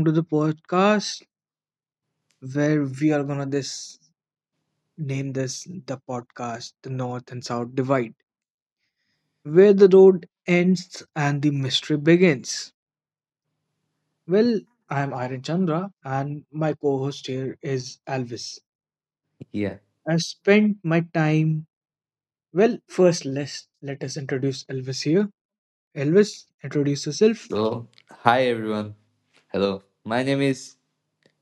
To the podcast where we are gonna this name this the podcast The North and South Divide, where the road ends and the mystery begins. Well, I'm Aryan Chandra and my co-host here is Elvis. Yeah. I spent my time well first Let us introduce Elvis here. Elvis, introduce yourself. So, hi everyone. Hello. My name is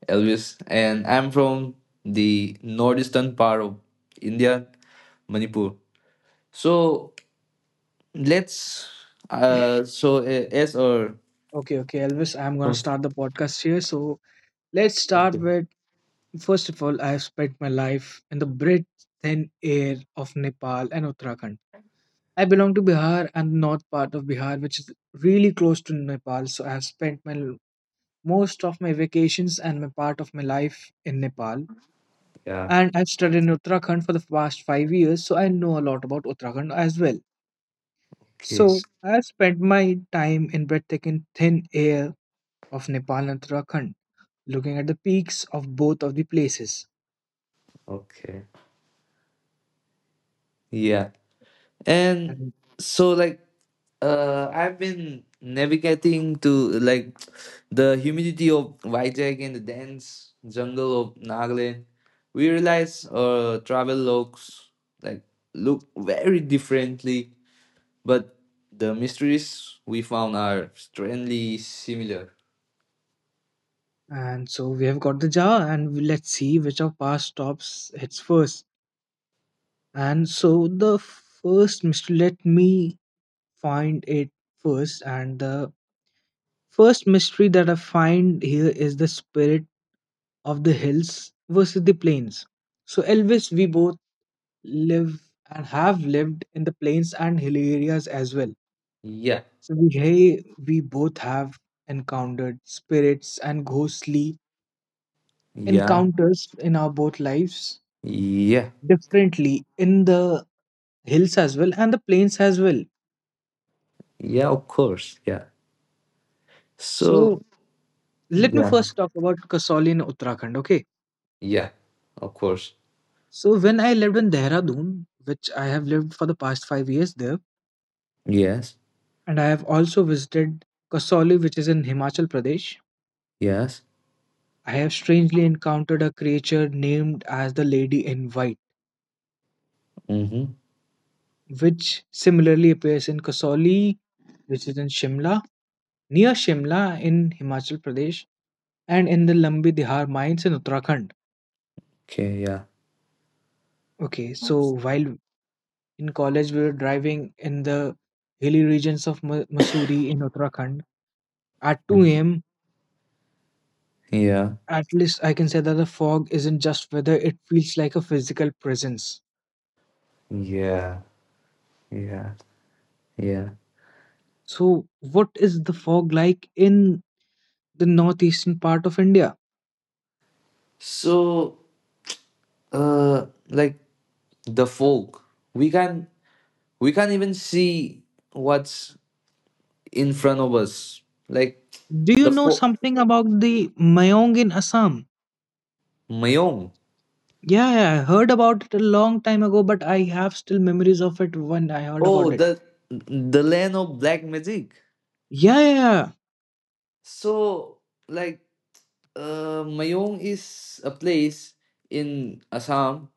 Elvis and I'm from the northeastern part of India, Manipur. So, let's so as our Okay, okay, Elvis. I'm gonna start the podcast here. So let's start Okay. with. First of all, I have spent my life in the breath thin air of Nepal and Uttarakhand. I belong to Bihar and the north part of Bihar, which is really close to Nepal. So I have spent my most of my vacations and my part of my life in Nepal. Yeah. And I've studied in Uttarakhand for the past 5 years, so I know a lot about Uttarakhand as well. Okay. So I have spent my time in breathtaking thin air of Nepal and Uttarakhand, looking at the peaks of both of the places. Okay. Yeah. And And so, like, I've been navigating to, like, the humidity of Vijay and the dense jungle of Nagaland. We realize travel like look very differently, but the mysteries we found are strangely similar. And so we have got the jar, and let's see which of our stops hits first. And so the first mystery, let me find it first. And the first mystery that I find here is the spirit of the hills versus the plains. So, Elvis, we both live and have lived in the plains and hill areas as well. Yeah. So, we, hey, we both have encountered spirits and ghostly Yeah. encounters in our both lives Yeah. differently in the hills as well and the plains as well. Yeah, of course. Yeah. So So, let me yeah. first talk about Kasauli in Uttarakhand. Okay. Yeah. Of course. So when I lived in Dehradun, which I have lived for the past 5 years there, Yes. and I have also visited Kasauli, which is in Himachal Pradesh. Yes. I have strangely encountered a creature named as the Lady in White, Mm-hmm. which similarly appears in Kasauli, which is in Shimla, near Shimla in Himachal Pradesh, and in the Lambi Dihar mines in Uttarakhand. Okay, yeah. Okay, so while in college, we were driving in the hilly regions of Missouri in Uttarakhand. At 2 Mhm. a.m., Yeah. at least I can say that the fog isn't just weather, it feels like a physical presence. Yeah. Yeah. Yeah. So, what is the fog like in the northeastern part of India? So, like the folk, we can we can't even see what's in front of us. Like, Do you the know folk something about the Mayong in Assam? Mayong. Yeah, yeah, I heard about it a long time ago, but I have still memories of it when I heard Oh, about it. the land of black magic. Yeah, yeah, yeah, So, like, Mayong is a place in Assam,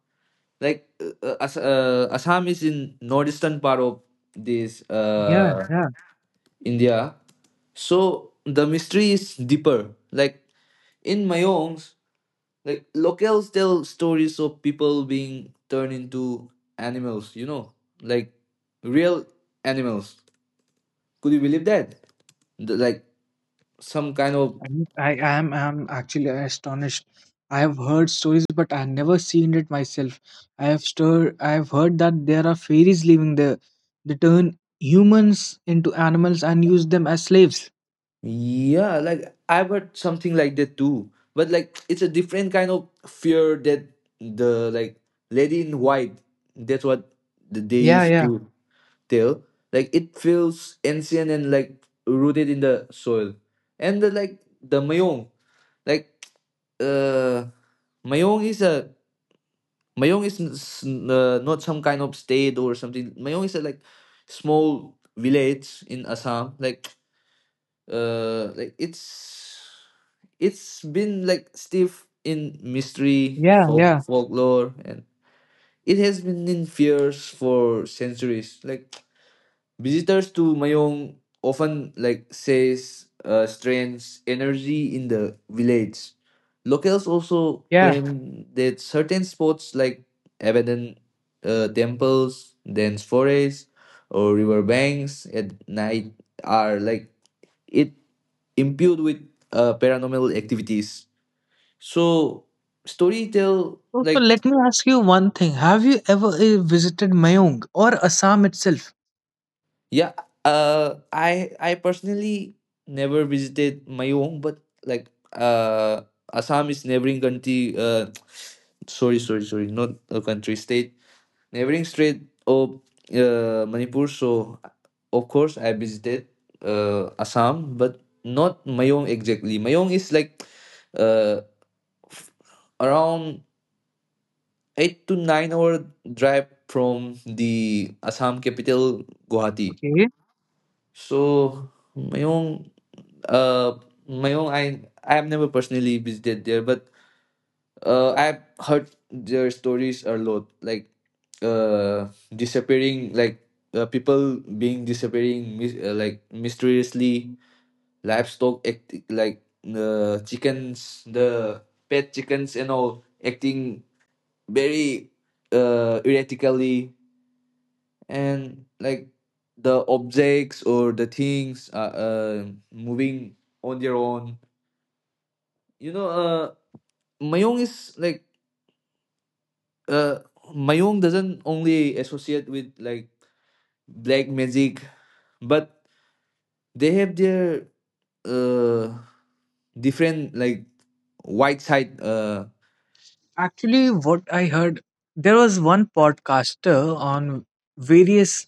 like, Assam is in northeastern part of this yeah, yeah. India, so the mystery is deeper. Like, in Mayong's, like, locals tell stories of people being turned into animals, you know, like real animals. Could you believe that? The- like some kind of. And I am actually astonished. I have heard stories, but I have never seen it myself. I have stir. I have heard that there are fairies living there. They turn humans into animals and use them as slaves. Yeah, like, I've heard something like that too. But, like, it's a different kind of fear. That the, like, lady in white, that's what they Yeah, used yeah, to tell. Like, it feels ancient and, like, rooted in the soil. And the Mayong, like, uh Mayong is a Mayong is not some kind of state or something. Mayong is a, like, small village in Assam. Like, like it's been, like, stiff in mystery yeah, yeah, folklore and it has been in fears for centuries, like. Visitors to Mayong often, like, says strange energy in the village. Locals also yeah. claim that certain spots, like abandoned temples, dense forests, or river banks at night are, like, it imbued with paranormal activities. So, storytell, So, like. let me ask you one thing. Have you ever visited Mayong or Assam itself? Yeah, I personally never visited Mayong, but, like, Assam is neighboring country. Sorry, sorry, sorry, not a country, state, neighboring state of Manipur. So, of course, I visited Assam, but not Mayong exactly. Mayong is, like, uh, f- around 8 to 9 hour drive from the Assam capital, Guwahati. Okay. So, Mayong uh my own I have never personally visited there, but I've heard their stories a lot, like, uh disappearing, like, people being disappearing like, mysteriously, livestock like, chickens, the pet chickens and all, acting very erratically, and, like, the objects or the things are moving on their own you know uh. Mayong is, like, uh Mayong doesn't only associate with, like, black magic, but they have their uh different, like, white side, Actually, what I heard, there was one podcaster on various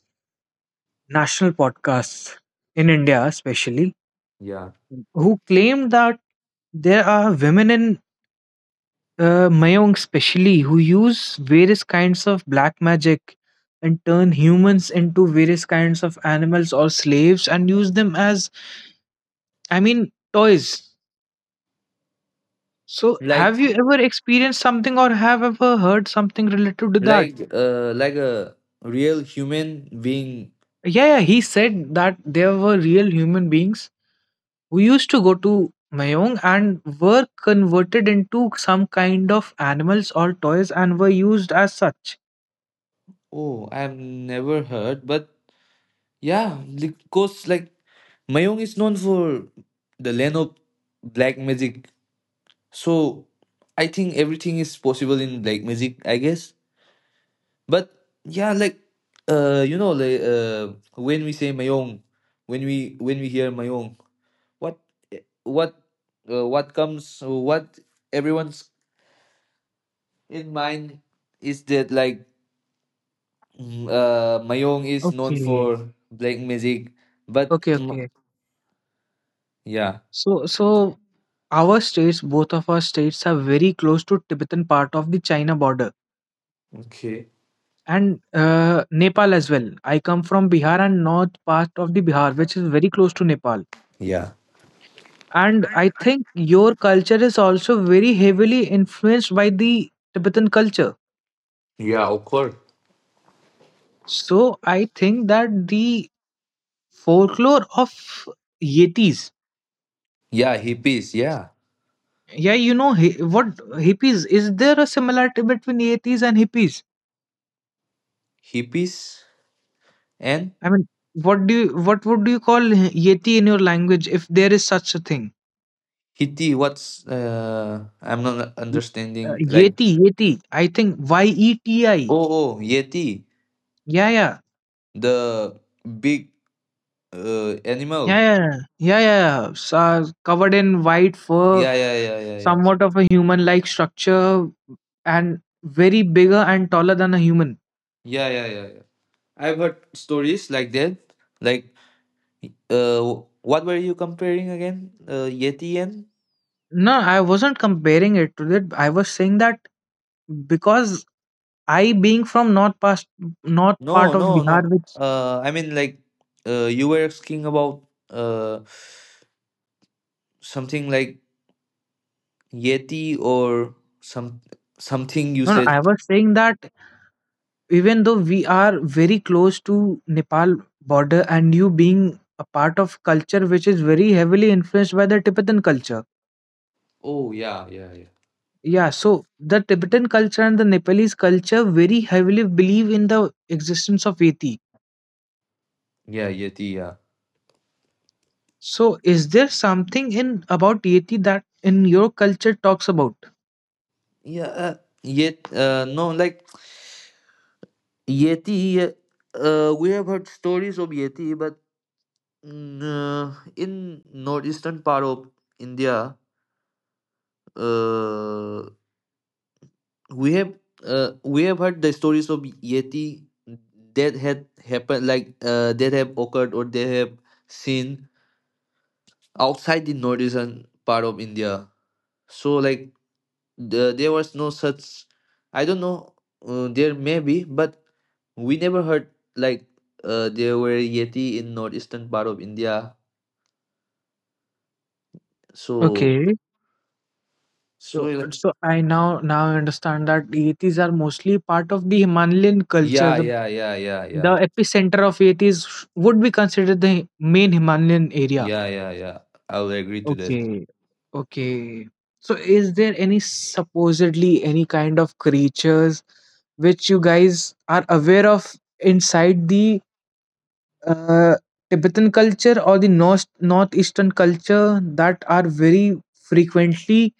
national podcasts in India, especially yeah, who claimed that there are women in Mayong especially who use various kinds of black magic and turn humans into various kinds of animals or slaves and use them as I mean toys. So like, have you ever experienced something or have ever heard something related to that? A real human being. Yeah, yeah, he said that there were real human beings who used to go to Mayong and were converted into some kind of animals or toys and were used as such. Oh, I've never heard, but, yeah, because, like, Mayong is known for the land of black magic, so I think everything is possible in black magic, I guess. But, yeah, like, you know, like, when we say Mayong, when we hear Mayong, what what comes, what everyone's in mind is that, like, Mayong is known Okay. for black music, but, Okay, okay. yeah. So our states, both of our states are very close to Tibetan part of the China border Okay, and Nepal as well. I come from Bihar and north part of the Bihar, which is very close to Nepal. yeah. And I think your culture is also very heavily influenced by the Tibetan culture. Yeah, of course. So I think that the folklore of Yetis, Yeah, hippies. Yeah, yeah, you know, what hippies, is there a similarity between Yetis and hippies? hippies and I mean, what do you, what would you call Yeti in your language if there is such a thing? Hitty. What's? I'm not Mm, uh, understanding. Like, Yeti, Yeti. I think YETI. oh, oh, Yeti. Yeah, yeah, The big yeah, animal. yeah, yeah, yeah, yeah. So, covered in white fur, Yeah, yeah, yeah, yeah, yeah. somewhat of a human-like structure, and very bigger and taller than a human. Yeah, yeah, yeah, yeah. I've heard stories like that. Like, uh, what were you comparing again? Yeti and? No, I wasn't comparing it to that. I was saying that because I, being from north part No, of no, Bihar, no. which I mean, like, you were asking about uh something like Yeti or some something you no, no, I said. was saying that even though we are very close to Nepal border and you being a part of culture which is very heavily influenced by the Tibetan culture. Oh, yeah, yeah, yeah. Yeah, so the Tibetan culture and the Nepalese culture very heavily believe in the existence of Yeti. Yeah, Yeti, yeah. So is there something in about Yeti that in your culture talks about? Yeah, yet no, like, Yeti, we have heard stories of Yeti, but, in northeastern part of India, uh, we have heard the stories of Yeti that had happened, like, that have occurred, or they have seen outside the northeastern part of India. So, like, the, there was no such. I don't know. There may be, but we never heard, like, there were Yeti in northeastern part of India. So, Okay. so, So like, so I now understand that Yetis are mostly part of the Himalayan culture, yeah, the yeah, yeah, yeah, The yeah, epicenter of it is would be considered the main Himalayan area. yeah, yeah, yeah. I will agree to that. Okay. Okay. So is there any supposedly any kind of creatures which you guys are aware of inside the uh, Tibetan culture or the northeastern culture that are very frequently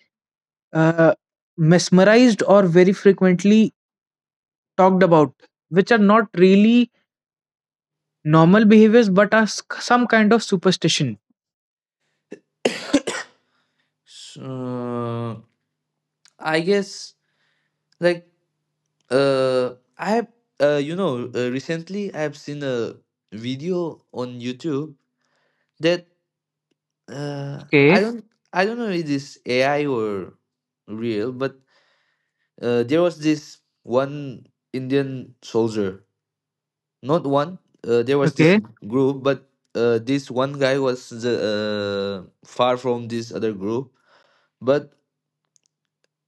uh, mesmerized or very frequently talked about, which are not really normal behaviors but are some kind of superstition. So, I guess, like, I have, you know, recently I have seen a video on YouTube that, uh, Okay, I don't I don't know if this AI or real, but, there was this one Indian soldier. Not one there was this okay. Group, but, this one guy was the, far from this other group, but,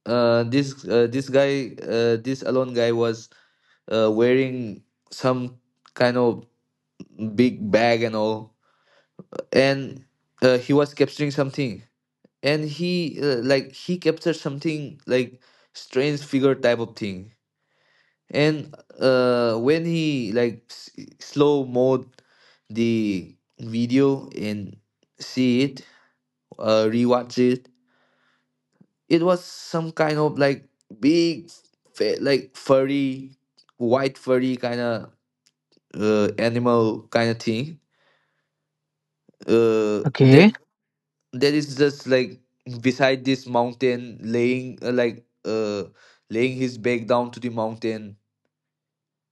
this, guy, this alone guy was wearing some kind of big bag and all, and he was capturing something, and he like, he captured something, like, strange figure type of thing. And when he, like, slow mode the video and see it, rewatch it, it was some kind of, like, big like, furry, white, furry kind of animal kind of thing, that Okay, is just, like, beside this mountain, laying, like, laying his back down to the mountain.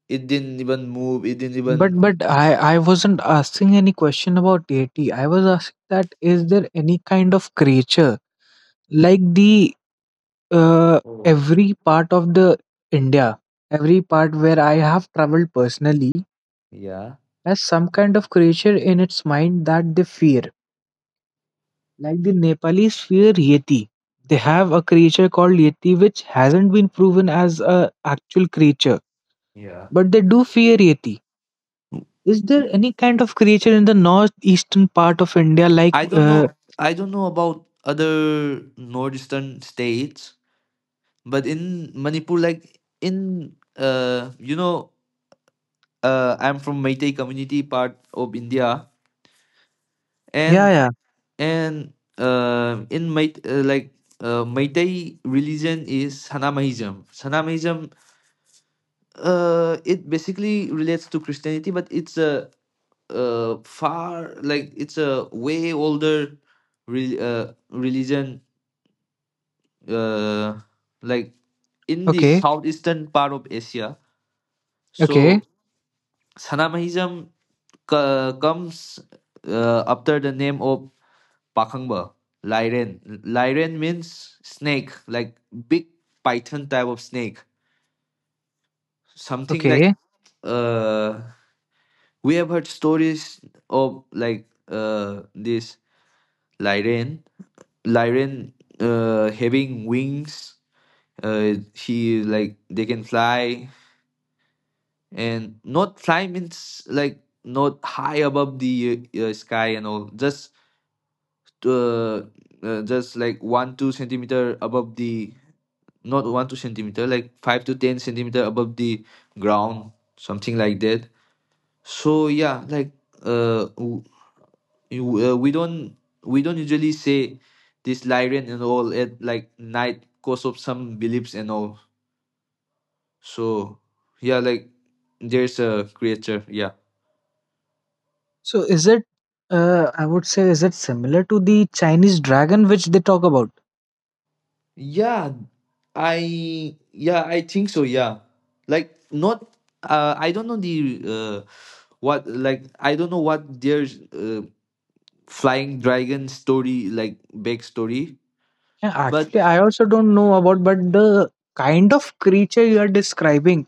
It didn't even move. It didn't even. But I wasn't asking any question about deity. I was asking that is there any kind of creature like the Oh, every part of the India, every part where I have traveled personally yeah. has some kind of creature in its mind that they fear. Like the Nepalese fear Yeti. They have a creature called Yeti which hasn't been proven as a actual creature, Yeah. but they do fear Yeti. Is there any kind of creature in the northeastern part of India like I don't know, I don't know about other northeastern states, but in Manipur, like, in you know, I'm from Meitei community, part of India. yeah, And yeah. and in Mait like, Meitei religion is Sanamahism. Sanamahism, it basically relates to Christianity, but it's a, far, like, it's a way older religion, uh, like, in the Okay. southeastern part of Asia. Okay. So, Sanamahism comes after the name of Pakhangba Lyran. Lyran means snake, like, big python type of snake. Something, like, Okay. uh, we have heard stories of, like, this Lyran, Lyran having wings. He, like, they can fly, and not climb in like, not high above the, sky and all, uh, just like 1 2 centimeter above the. Not 1 2 centimeter, like, 5 to 10 centimeter above the ground, something like that. So, yeah, like, uh, w- we don't, we don't usually say this Lyrian and all at, like, night because of some beliefs and all. So, yeah, like, there's a creature. Yeah. So is it I would say is it similar to the Chinese dragon which they talk about? Yeah, I, yeah, I think so. Yeah, like, not. I don't know the, what, like, I don't know what their, flying dragon story, like, backstory, Yeah, but actually I also don't know about but the kind of creature you are describing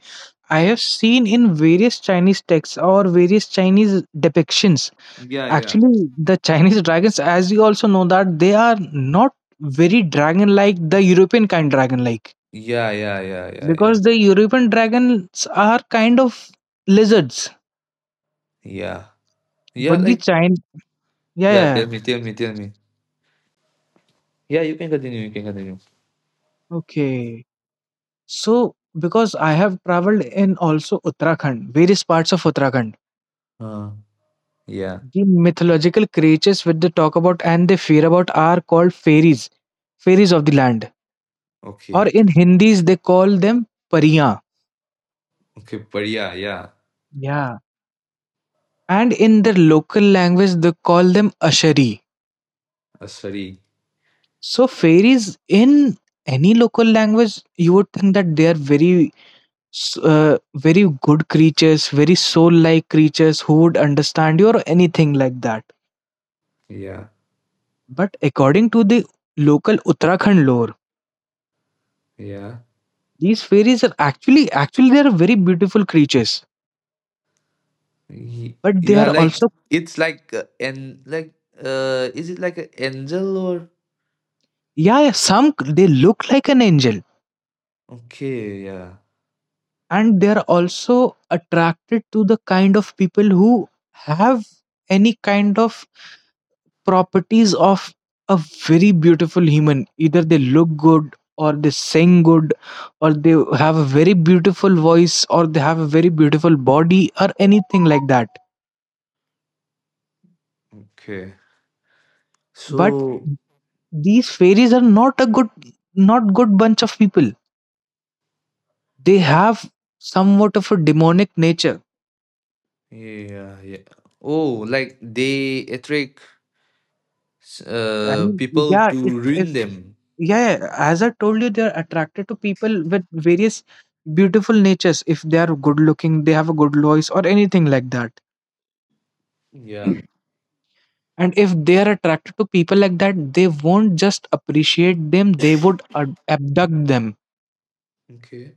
I have seen in various Chinese texts or various Chinese depictions. yeah, yeah, Actually the Chinese dragons as you also know that they are not very dragon like the European kind dragon like yeah, yeah, yeah, yeah, yeah, because the European dragons are kind of lizards, yeah, yeah. but the Like, China, yeah, yeah, yeah, yeah, tell me, tell me, tell me. Yeah, you can continue. You can continue. okay. So because I have traveled in also Uttarakhand, various parts of Uttarakhand, Uh, yeah. the mythological creatures which they talk about and they fear about are called fairies, fairies of the land, or Okay. in Hindis they call them pariyan. Okay. But, yeah, yeah. Yeah, and in their local language they call them ashari. Sorry. So fairies in any local language, you would think that they are very very good creatures, very soul like creatures who would understand you or anything like that. Yeah. But according to the local Uttarakhand lore, Yeah. these fairies are actually, actually, they are very beautiful creatures. Y- But they You are, are like, also, it's like an, like, is it like an angel? Or, yeah, yeah, some they look like an angel. okay, yeah. And they are also attracted to the kind of people who have any kind of properties of a very beautiful human, either they look good or they sing good or they have a very beautiful voice or they have a very beautiful body or anything like that, Okay, but so, these fairies are not a good, not good bunch of people. They have somewhat of a demonic nature. yeah, yeah. Oh, like, they attract I mean, people yeah, to if ruin them. yeah, yeah, as I told you, they're attracted to people with various beautiful natures. If they are good looking, they have a good voice or anything like that, Yeah, and if they are attracted to people like that, they won't just appreciate them, they would abduct them okay,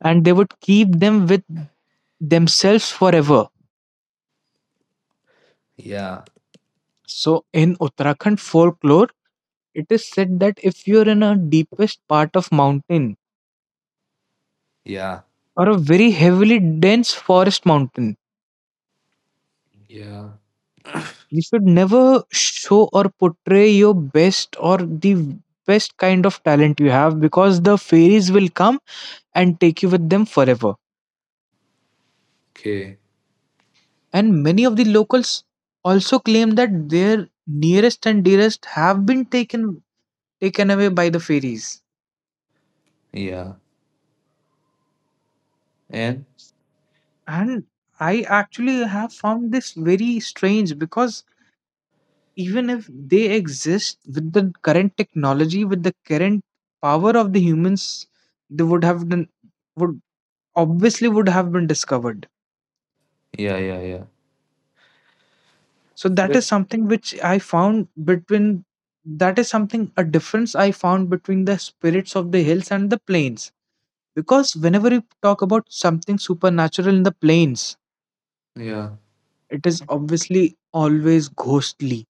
and they would keep them with themselves forever. yeah, So in Uttarakhand folklore it is said that if you're in a deepest part of mountain yeah, or a very heavily dense forest mountain, yeah, you should never show or portray your best or the best kind of talent you have, because the fairies will come and take you with them forever. okay, And many of the locals also claim that their nearest and dearest have been taken away by the fairies. yeah. And And I actually have found this very strange because even if they exist, with the current technology with the current power of the humans, they would obviously would have been discovered. yeah, yeah, yeah. So that But, is something which I found between, that is something a difference I found between the spirits of the hills and the plains. Because whenever we talk about something supernatural in the plains, yeah. it is obviously always ghostly.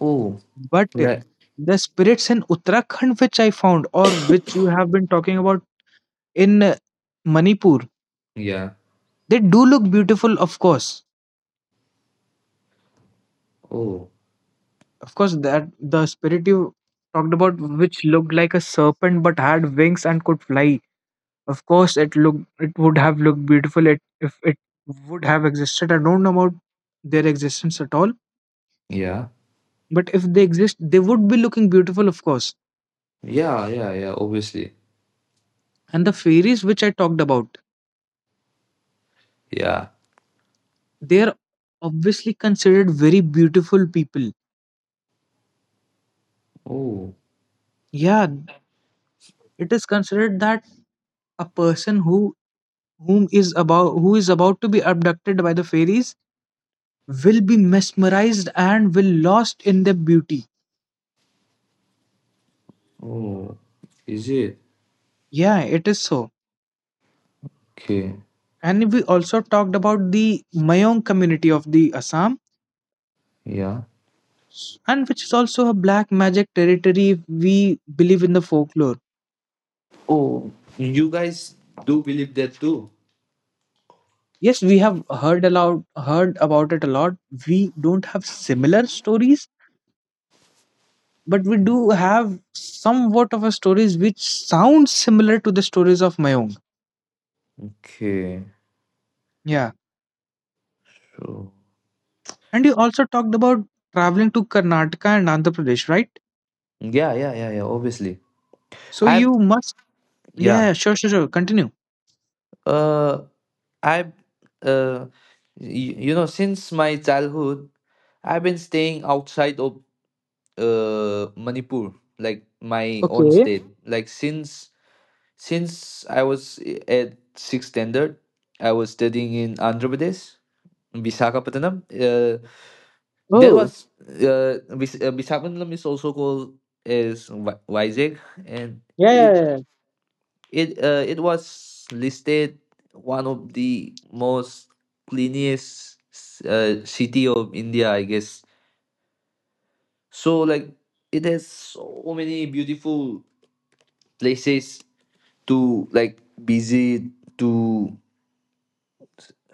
Oh, But right, the spirits in Uttarakhand, which I found, or which you have been talking about in Manipur, yeah. they do look beautiful, of course. Oh, Of course, that the spirit you talked about, which looked like a serpent but had wings and could fly. Of course, it looked, it would have looked beautiful if it would have existed. I don't know about their existence at all. yeah, But if they exist, they would be looking beautiful, of course. yeah, yeah, yeah. Obviously, And the fairies which I talked about, yeah. they are obviously considered very beautiful people. Oh. Yeah, it is considered that a person who is about to be abducted by the fairies will be mesmerized and will lost in their beauty. Oh, is it? Yeah, it is so. Okay, And we also talked about the Mayong community of the Assam, yeah. and which is also a black magic territory if we believe in the folklore. Oh, you guys do believe that too? Yes, we have heard about it a lot. We don't have similar stories, but we do have somewhat of a stories which sound similar to the stories of my own. Okay, Yeah. so, And you also talked about traveling to Karnataka and Andhra Pradesh, right? yeah, yeah, yeah, yeah. Obviously, So I've, you must. yeah. Yeah, sure, sure, sure, continue. Uh, I've, uh, you know, since my childhood, I've been staying outside of Manipur, like, my own Okay. state. Like, since I was at sixth standard, I was studying in Andhra Pradesh, Visakhapatnam. There Oh, was, Visakhapatnam is also called as Vizag, and yeah, yeah, it yeah. it it was listed one of the most cleanest city of India, I guess. So, like, it has so many beautiful places to, like, visit to,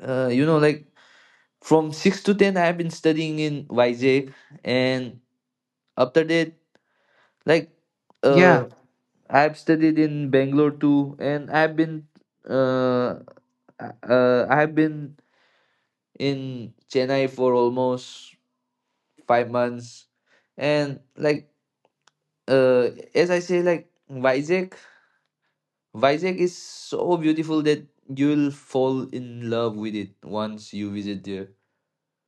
you know, like, from 6 to 10, I have been studying in Vizag, and after that, like, Yeah. uh, I've studied in Bangalore too, and uh, I've been in Chennai for almost 5 months, and, like, as I say, like, Vizag, Vizag is so beautiful that you'll fall in love with it once you visit there.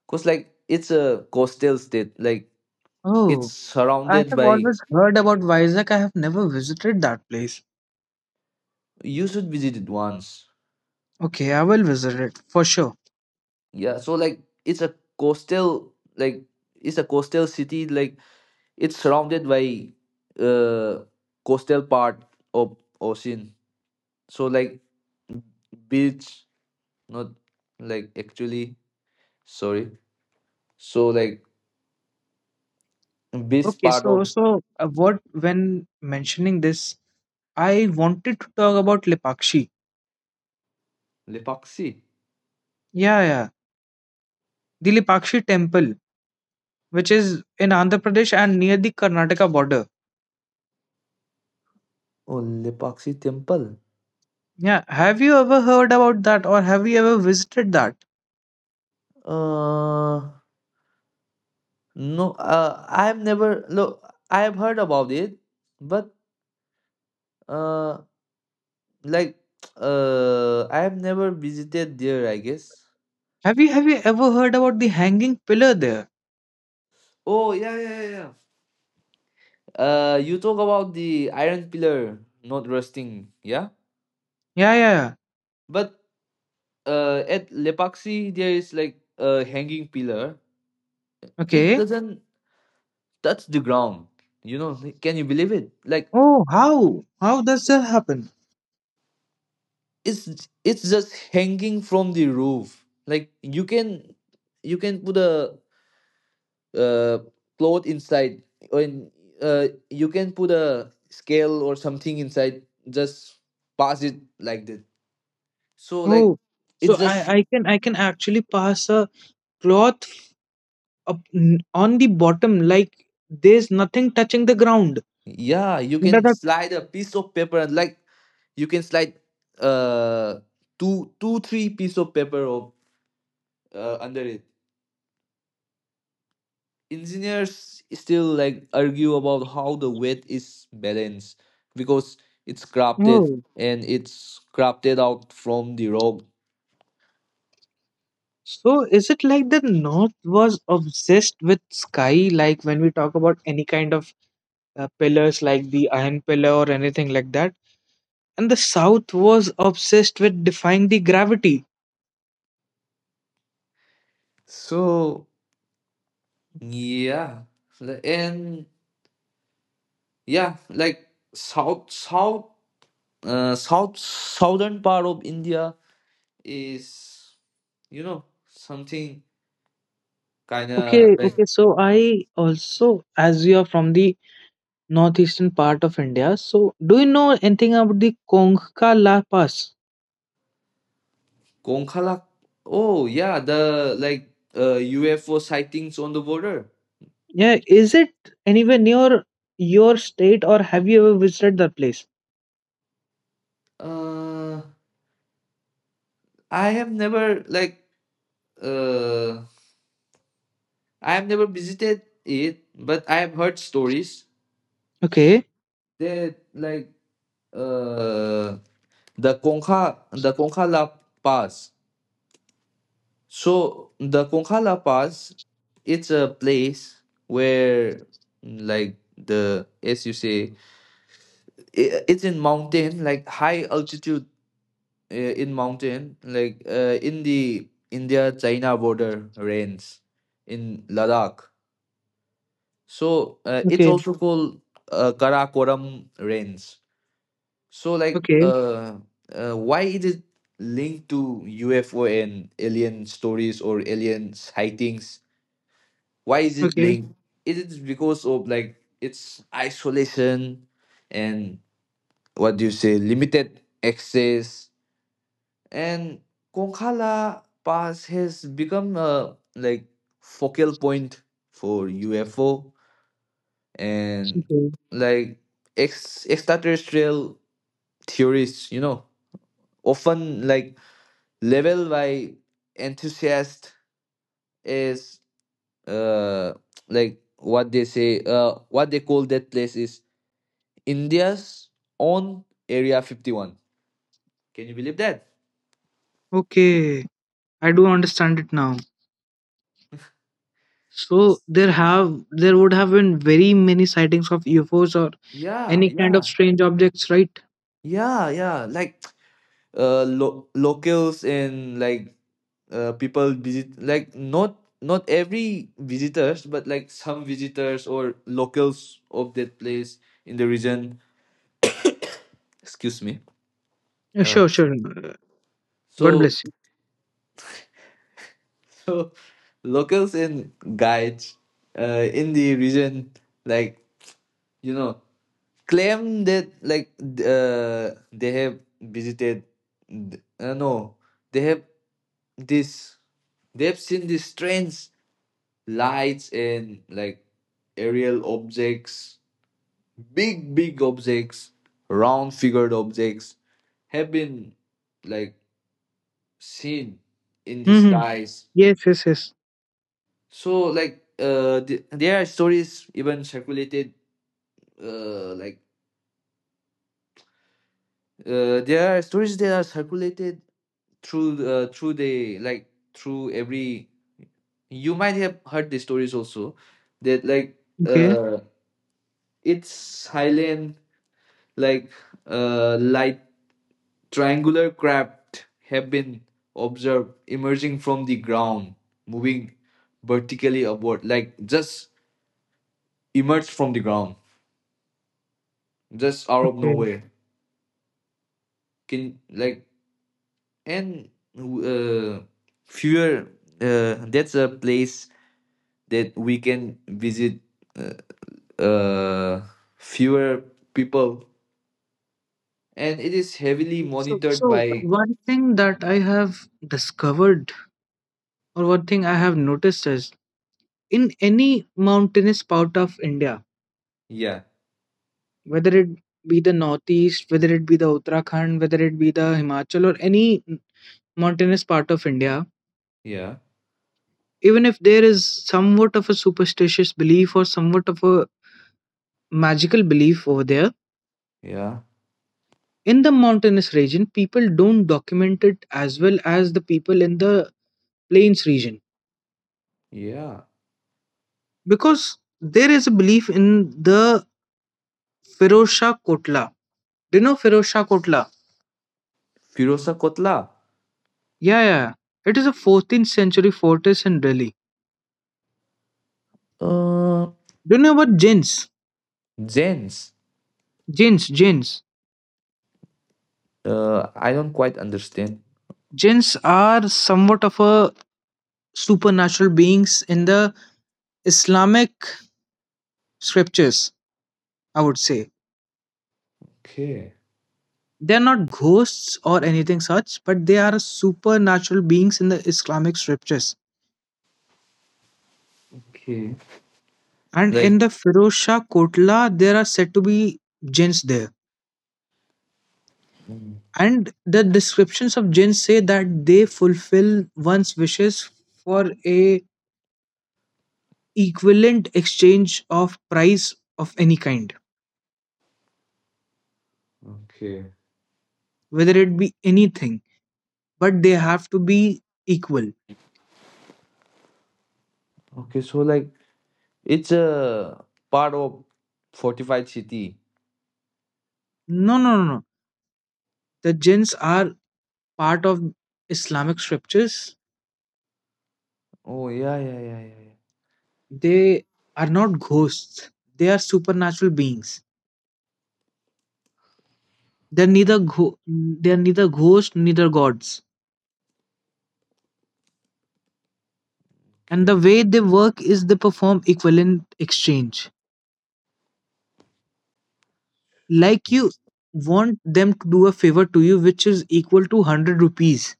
'Cause, like, it's a coastal state, like, it's Oh, I surrounded have by. always heard about Vizag. I have never visited that place. You should visit it once. Okay, I will visit it for sure. Yeah, so, like, it's a coastal, like, it's a coastal city, like, it's surrounded by uh coastal part of ocean. So, like, beach not, like, actually, sorry. So, like, beach Okay, part so of so uh, what when mentioning this, I wanted to talk about Lepakshi. Lepaksi. Yeah, yeah, the Lepakshi temple, which is in Andhra Pradesh and near the Karnataka border. Oh, Lepaksi temple. Yeah, have you ever heard about that, or have you ever visited that? Uh no I've never look, I've heard about it, but, uh like, I have never visited there, I guess. Have you ever heard about the hanging pillar there? Oh, yeah, yeah, yeah, yeah. You talk about the iron pillar not rusting, yeah? Yeah, yeah, yeah. But, at Lepaksi, there is, like, a hanging pillar. It Okay. doesn't touch the ground. You know, like, can you believe it? Like, Oh, how does that happen? it's it's just hanging from the roof. Like you can put a uh, cloth inside and you can put a scale or something inside, just pass it like that. So like Oh, so it's I just, I can I can actually pass a cloth up on the bottom, like there's nothing touching the ground. yeah, you What can are- slide a piece of paper and like you can slide uh two two three piece of paper of under it. Engineers still like argue about how the weight is balanced because it's the- crafted oh. and it's crafted out from the rock. So is it like the north was obsessed with sky, like when we talk about any kind of pillars like the iron pillar or anything like that, and the south was obsessed with defying the gravity? So yeah, L- and yeah, like south south southern part of India is, you know, something kind Okay, of like okay. So I also, as you are from the northeastern part of India, so do you know anything about the Konkala Pass? Gonkala. Oh yeah, the like UFO sightings on the border. Yeah, is it anywhere near your state or have you ever visited that place? Uh, I have never uh, I have never visited it, but I have heard stories Okay, that like uh, the Conchala Pass. So the Conchala Pass, it's a place where like, the as you say, I it's in mountain, like high altitude, in mountain, like in the India China border range in Ladakh. So it's okay. also called Karakoram range. So like, Okay, why is it linked to UFO and alien stories or alien sightings? Why is it okay, linked? Is it is because of like its isolation and, what do you say, limited access? And Konkala Pass has become a like focal point for UFO and okay, like ex extraterrestrial theorists, you know, often like level by enthusiast is uh like what they say, what they call that place is India's own Area 51. Can you believe that? okay. I do understand it now. So there have there would have been very many sightings of UFOs or Yeah, any kind of yeah, strange objects, right? yeah, yeah. Like locals and like people visit, like not every visitors, but like some visitors or locals of that place in the region. Excuse me. Yeah, uh sure, sure. God so bless you. So locals in guides in the region, like, you know, claim that they have visited. Th- no, they have this. They have seen these strange lights and like aerial objects, big big objects, round figured objects have been like seen in the Hmm. skies. Yes, yes, yes. So like there are stories even circulated uh, like there are stories that are circulated through through the like through every, you might have heard the stories also, that like Okay, uh, it's silent, like light triangular craft have been observed emerging from the ground, moving vertically upward, like just emerged from the ground, just out of okay. nowhere. Can like and uh, Fewer that's a place that we can visit, uh, uh, fewer people, and it is heavily So, monitored so by, one thing that I have discovered, or one thing I have noticed is in any mountainous part of India, yeah, whether it be the northeast, whether it be the Uttarakhand, whether it be the Himachal, or any mountainous part of India, yeah, even if there is somewhat of a superstitious belief or somewhat of a magical belief over there, yeah, in the mountainous region, people don't document it as well as the people in the plains region yeah. because there is a belief in the Feroz Shah Kotla. Do you know Feroz Shah Kotla? Firosa Kotla, Yeah, yeah. It is a 14th century fortress in Delhi. uh Do you know about jinns? Zens, Jinns, jinns. I don't quite understand. Jinns are somewhat of a supernatural beings in the Islamic scriptures, I would say. Okay, They are not ghosts or anything such, but they are supernatural beings in the Islamic scriptures. okay, And in like, the Firoz Shah Kotla, there are said to be jinns there. mm, And the descriptions of jinns say that they fulfill one's wishes for a equivalent exchange of price of any kind, okay, whether it be anything, but they have to be equal. okay. So like it's a part of fortified city. No, no, no, no. The jinns are part of Islamic scriptures. Oh, yeah, yeah, yeah, yeah, yeah. They are not ghosts. They are supernatural beings. They are neither ghosts, neither gods. And the Okay. way they work is they perform equivalent exchange. Like Uh, you want them to do a favor to you, which is equal to 100 rupees,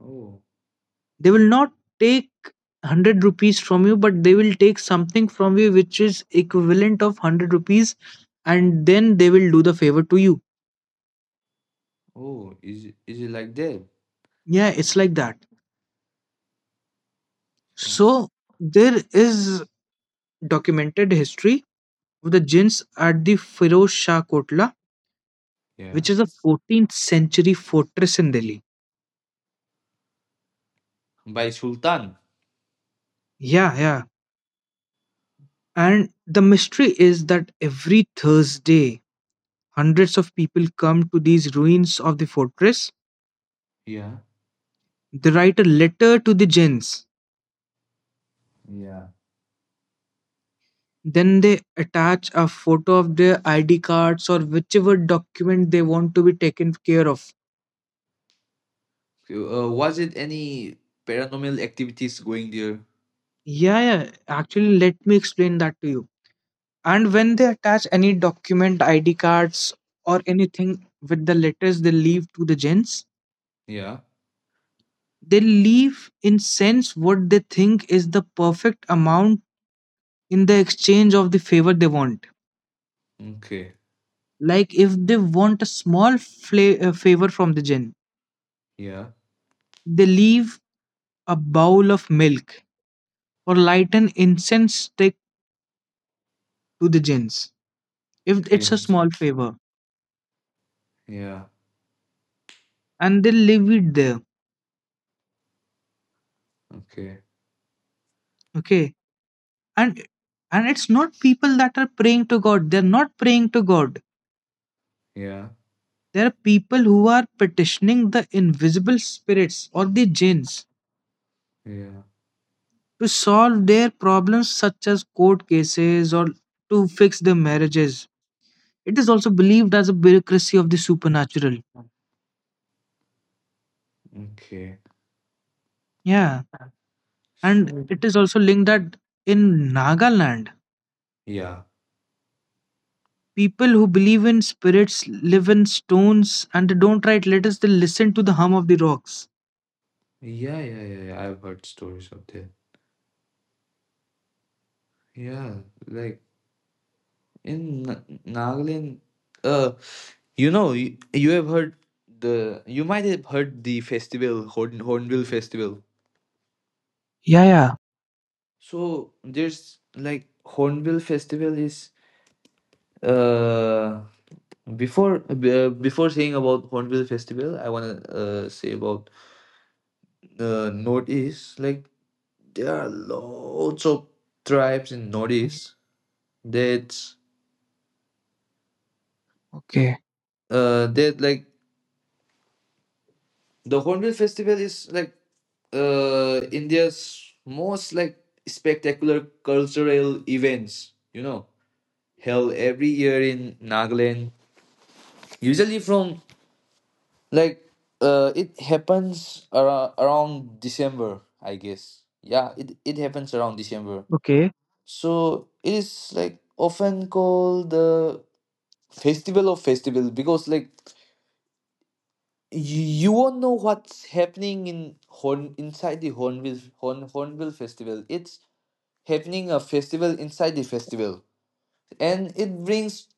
Oh, they will not take 100 rupees from you, but they will take something from you which is equivalent of 100 rupees, and then they will do the favor to you. Is it like that? Yeah, it's like that. Uh, So there is documented history of the jinns at the Firoz Shah Kotla, Yeah, which is a 14th century fortress in Delhi. by Sultan. Yeah, yeah. And the mystery is that every Thursday, hundreds of people come to these ruins of the fortress. Yeah. They write a letter to the jinns, Yeah. then they attach a photo of their ID cards or whichever document they want to be taken care of. Was it any paranormal activities going there? Yeah, yeah. Actually, let me explain that to you. And when they attach any document ID cards or anything with the letters they leave to the gents, Yeah. they leave in sense what they think is the perfect amount in the exchange of the favor they want. Okay. Like if they want a small favor from the gen, Yeah. they leave a bowl of milk or light an incense stick to the jinns if it's Okay. a small favor, Yeah. and they leave it there. Okay. Okay. And and it's not people that are praying to god, they're not praying to god. Yeah. There are people who are petitioning the invisible spirits or the jinns Yeah. to solve their problems such as court cases or to fix their marriages. It is also believed as a bureaucracy of the supernatural. Okay. Yeah. So And it is also linked that in Nagaland, yeah. people who believe in spirits live in stones and don't write letters, they listen to the hum of the rocks. Yeah, yeah, yeah, yeah. I've heard stories of that. Yeah, like in Nagaland. uh, You know, you have heard the, you might have heard the festival Horn, Hornbill Festival. Yeah, yeah. So there's like Hornbill Festival is uh before saying about Hornbill Festival, I wanna say about Northeast. Like there are loads of tribes in Northeast that Okay. uh that like the Hornbill Festival is like India's most like spectacular cultural events, you know, held every year in Nagaland. Usually from like it happens around December, I guess. Yeah, it happens around December. Okay, So it is like often called the festival of festival, because like you won't know what's happening in Horn inside the Hornbill Festival. It's happening a festival inside the festival, and it brings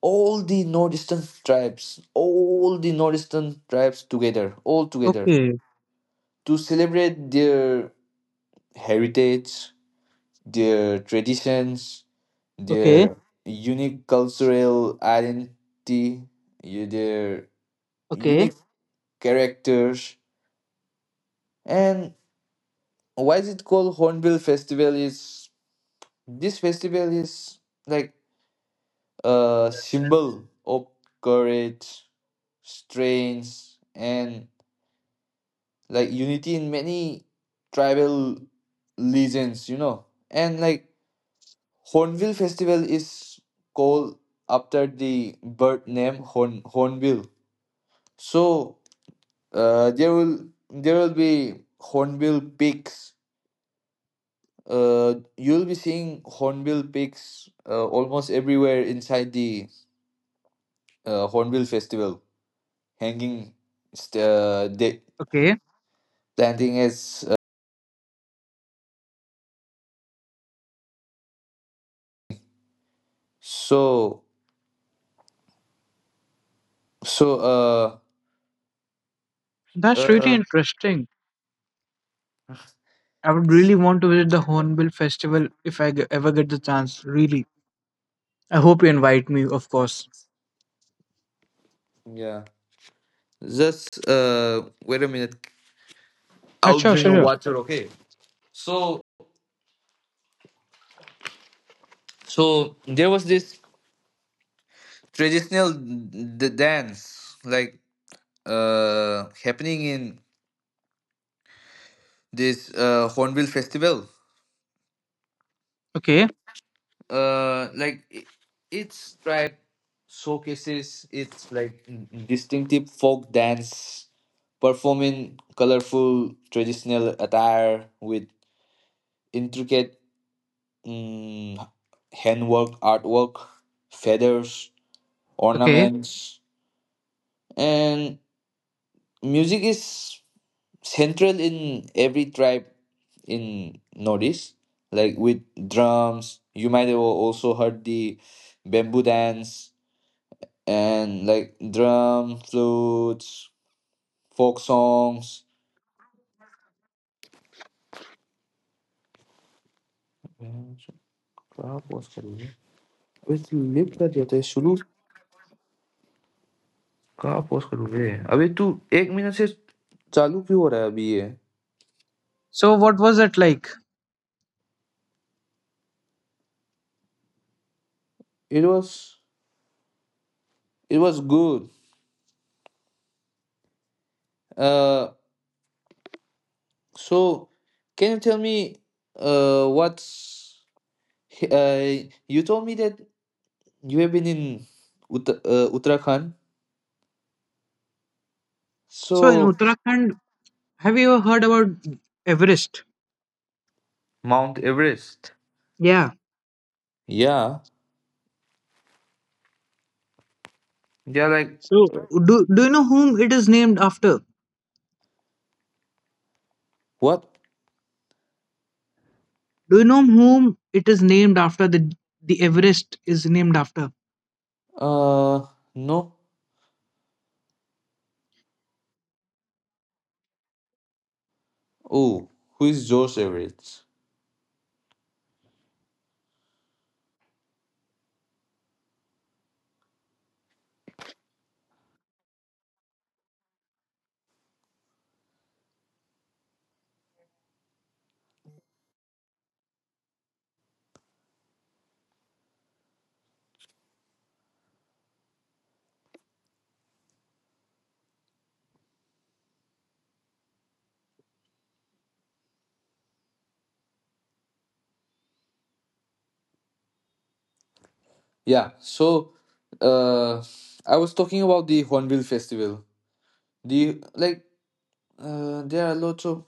all the northeastern tribes, all the northeastern tribes together, all together, okay, to celebrate their heritage, their traditions, okay, their unique cultural identity, their okay, unique characters. And why is it called Hornbill Festival? Is this festival is like a symbol of courage, strength and like unity in many tribal legends, you know. And like Hornbill Festival is called after the bird name Horn, Hornbill. So there will be hornbill pigs, you'll be seeing hornbill pigs almost everywhere inside the Hornbill Festival, hanging st- uh, they, okay. standing as. So, so, uh, That's really uh, interesting. I would really want to visit the Hornbill Festival if I ever get the chance. Really, I hope you invite me, of course. yeah, just, wait a minute. I'll Sure, drink sure, a sure. water, okay? So, so there was this traditional dance, like, happening in this, Hornbill Festival. Okay, Uh, like, it, it's tribe showcases its, like, distinctive folk dance, performing colorful traditional attire with intricate, mm, handwork, artwork, feathers, okay. ornaments, and music is central in every tribe in Nordics. Like with drums, you might have also heard the bamboo dance and like drum, flutes, folk songs. क्या pause कर रही है? अबे तू lift कर दिया था, शुरू कहाँ pause करूँ बे? अबे तू एक मिनट से चालू क्यों हो रहा है अभी ये। So what was it like? It was, it was good. Uh, so can you tell me what's, uh you told me that you have been in Uttarakhand, So in so Uttarakhand, have you ever heard about Everest? Mount Everest. Yeah. Yeah, yeah. Like So do you know whom it is named after? what? Do you know whom it is named after? The Everest is named after. Uh, no. Oh, who is George Everett? Yeah. So, uh, I was talking about the Hornbill Festival. The Like, there are lots of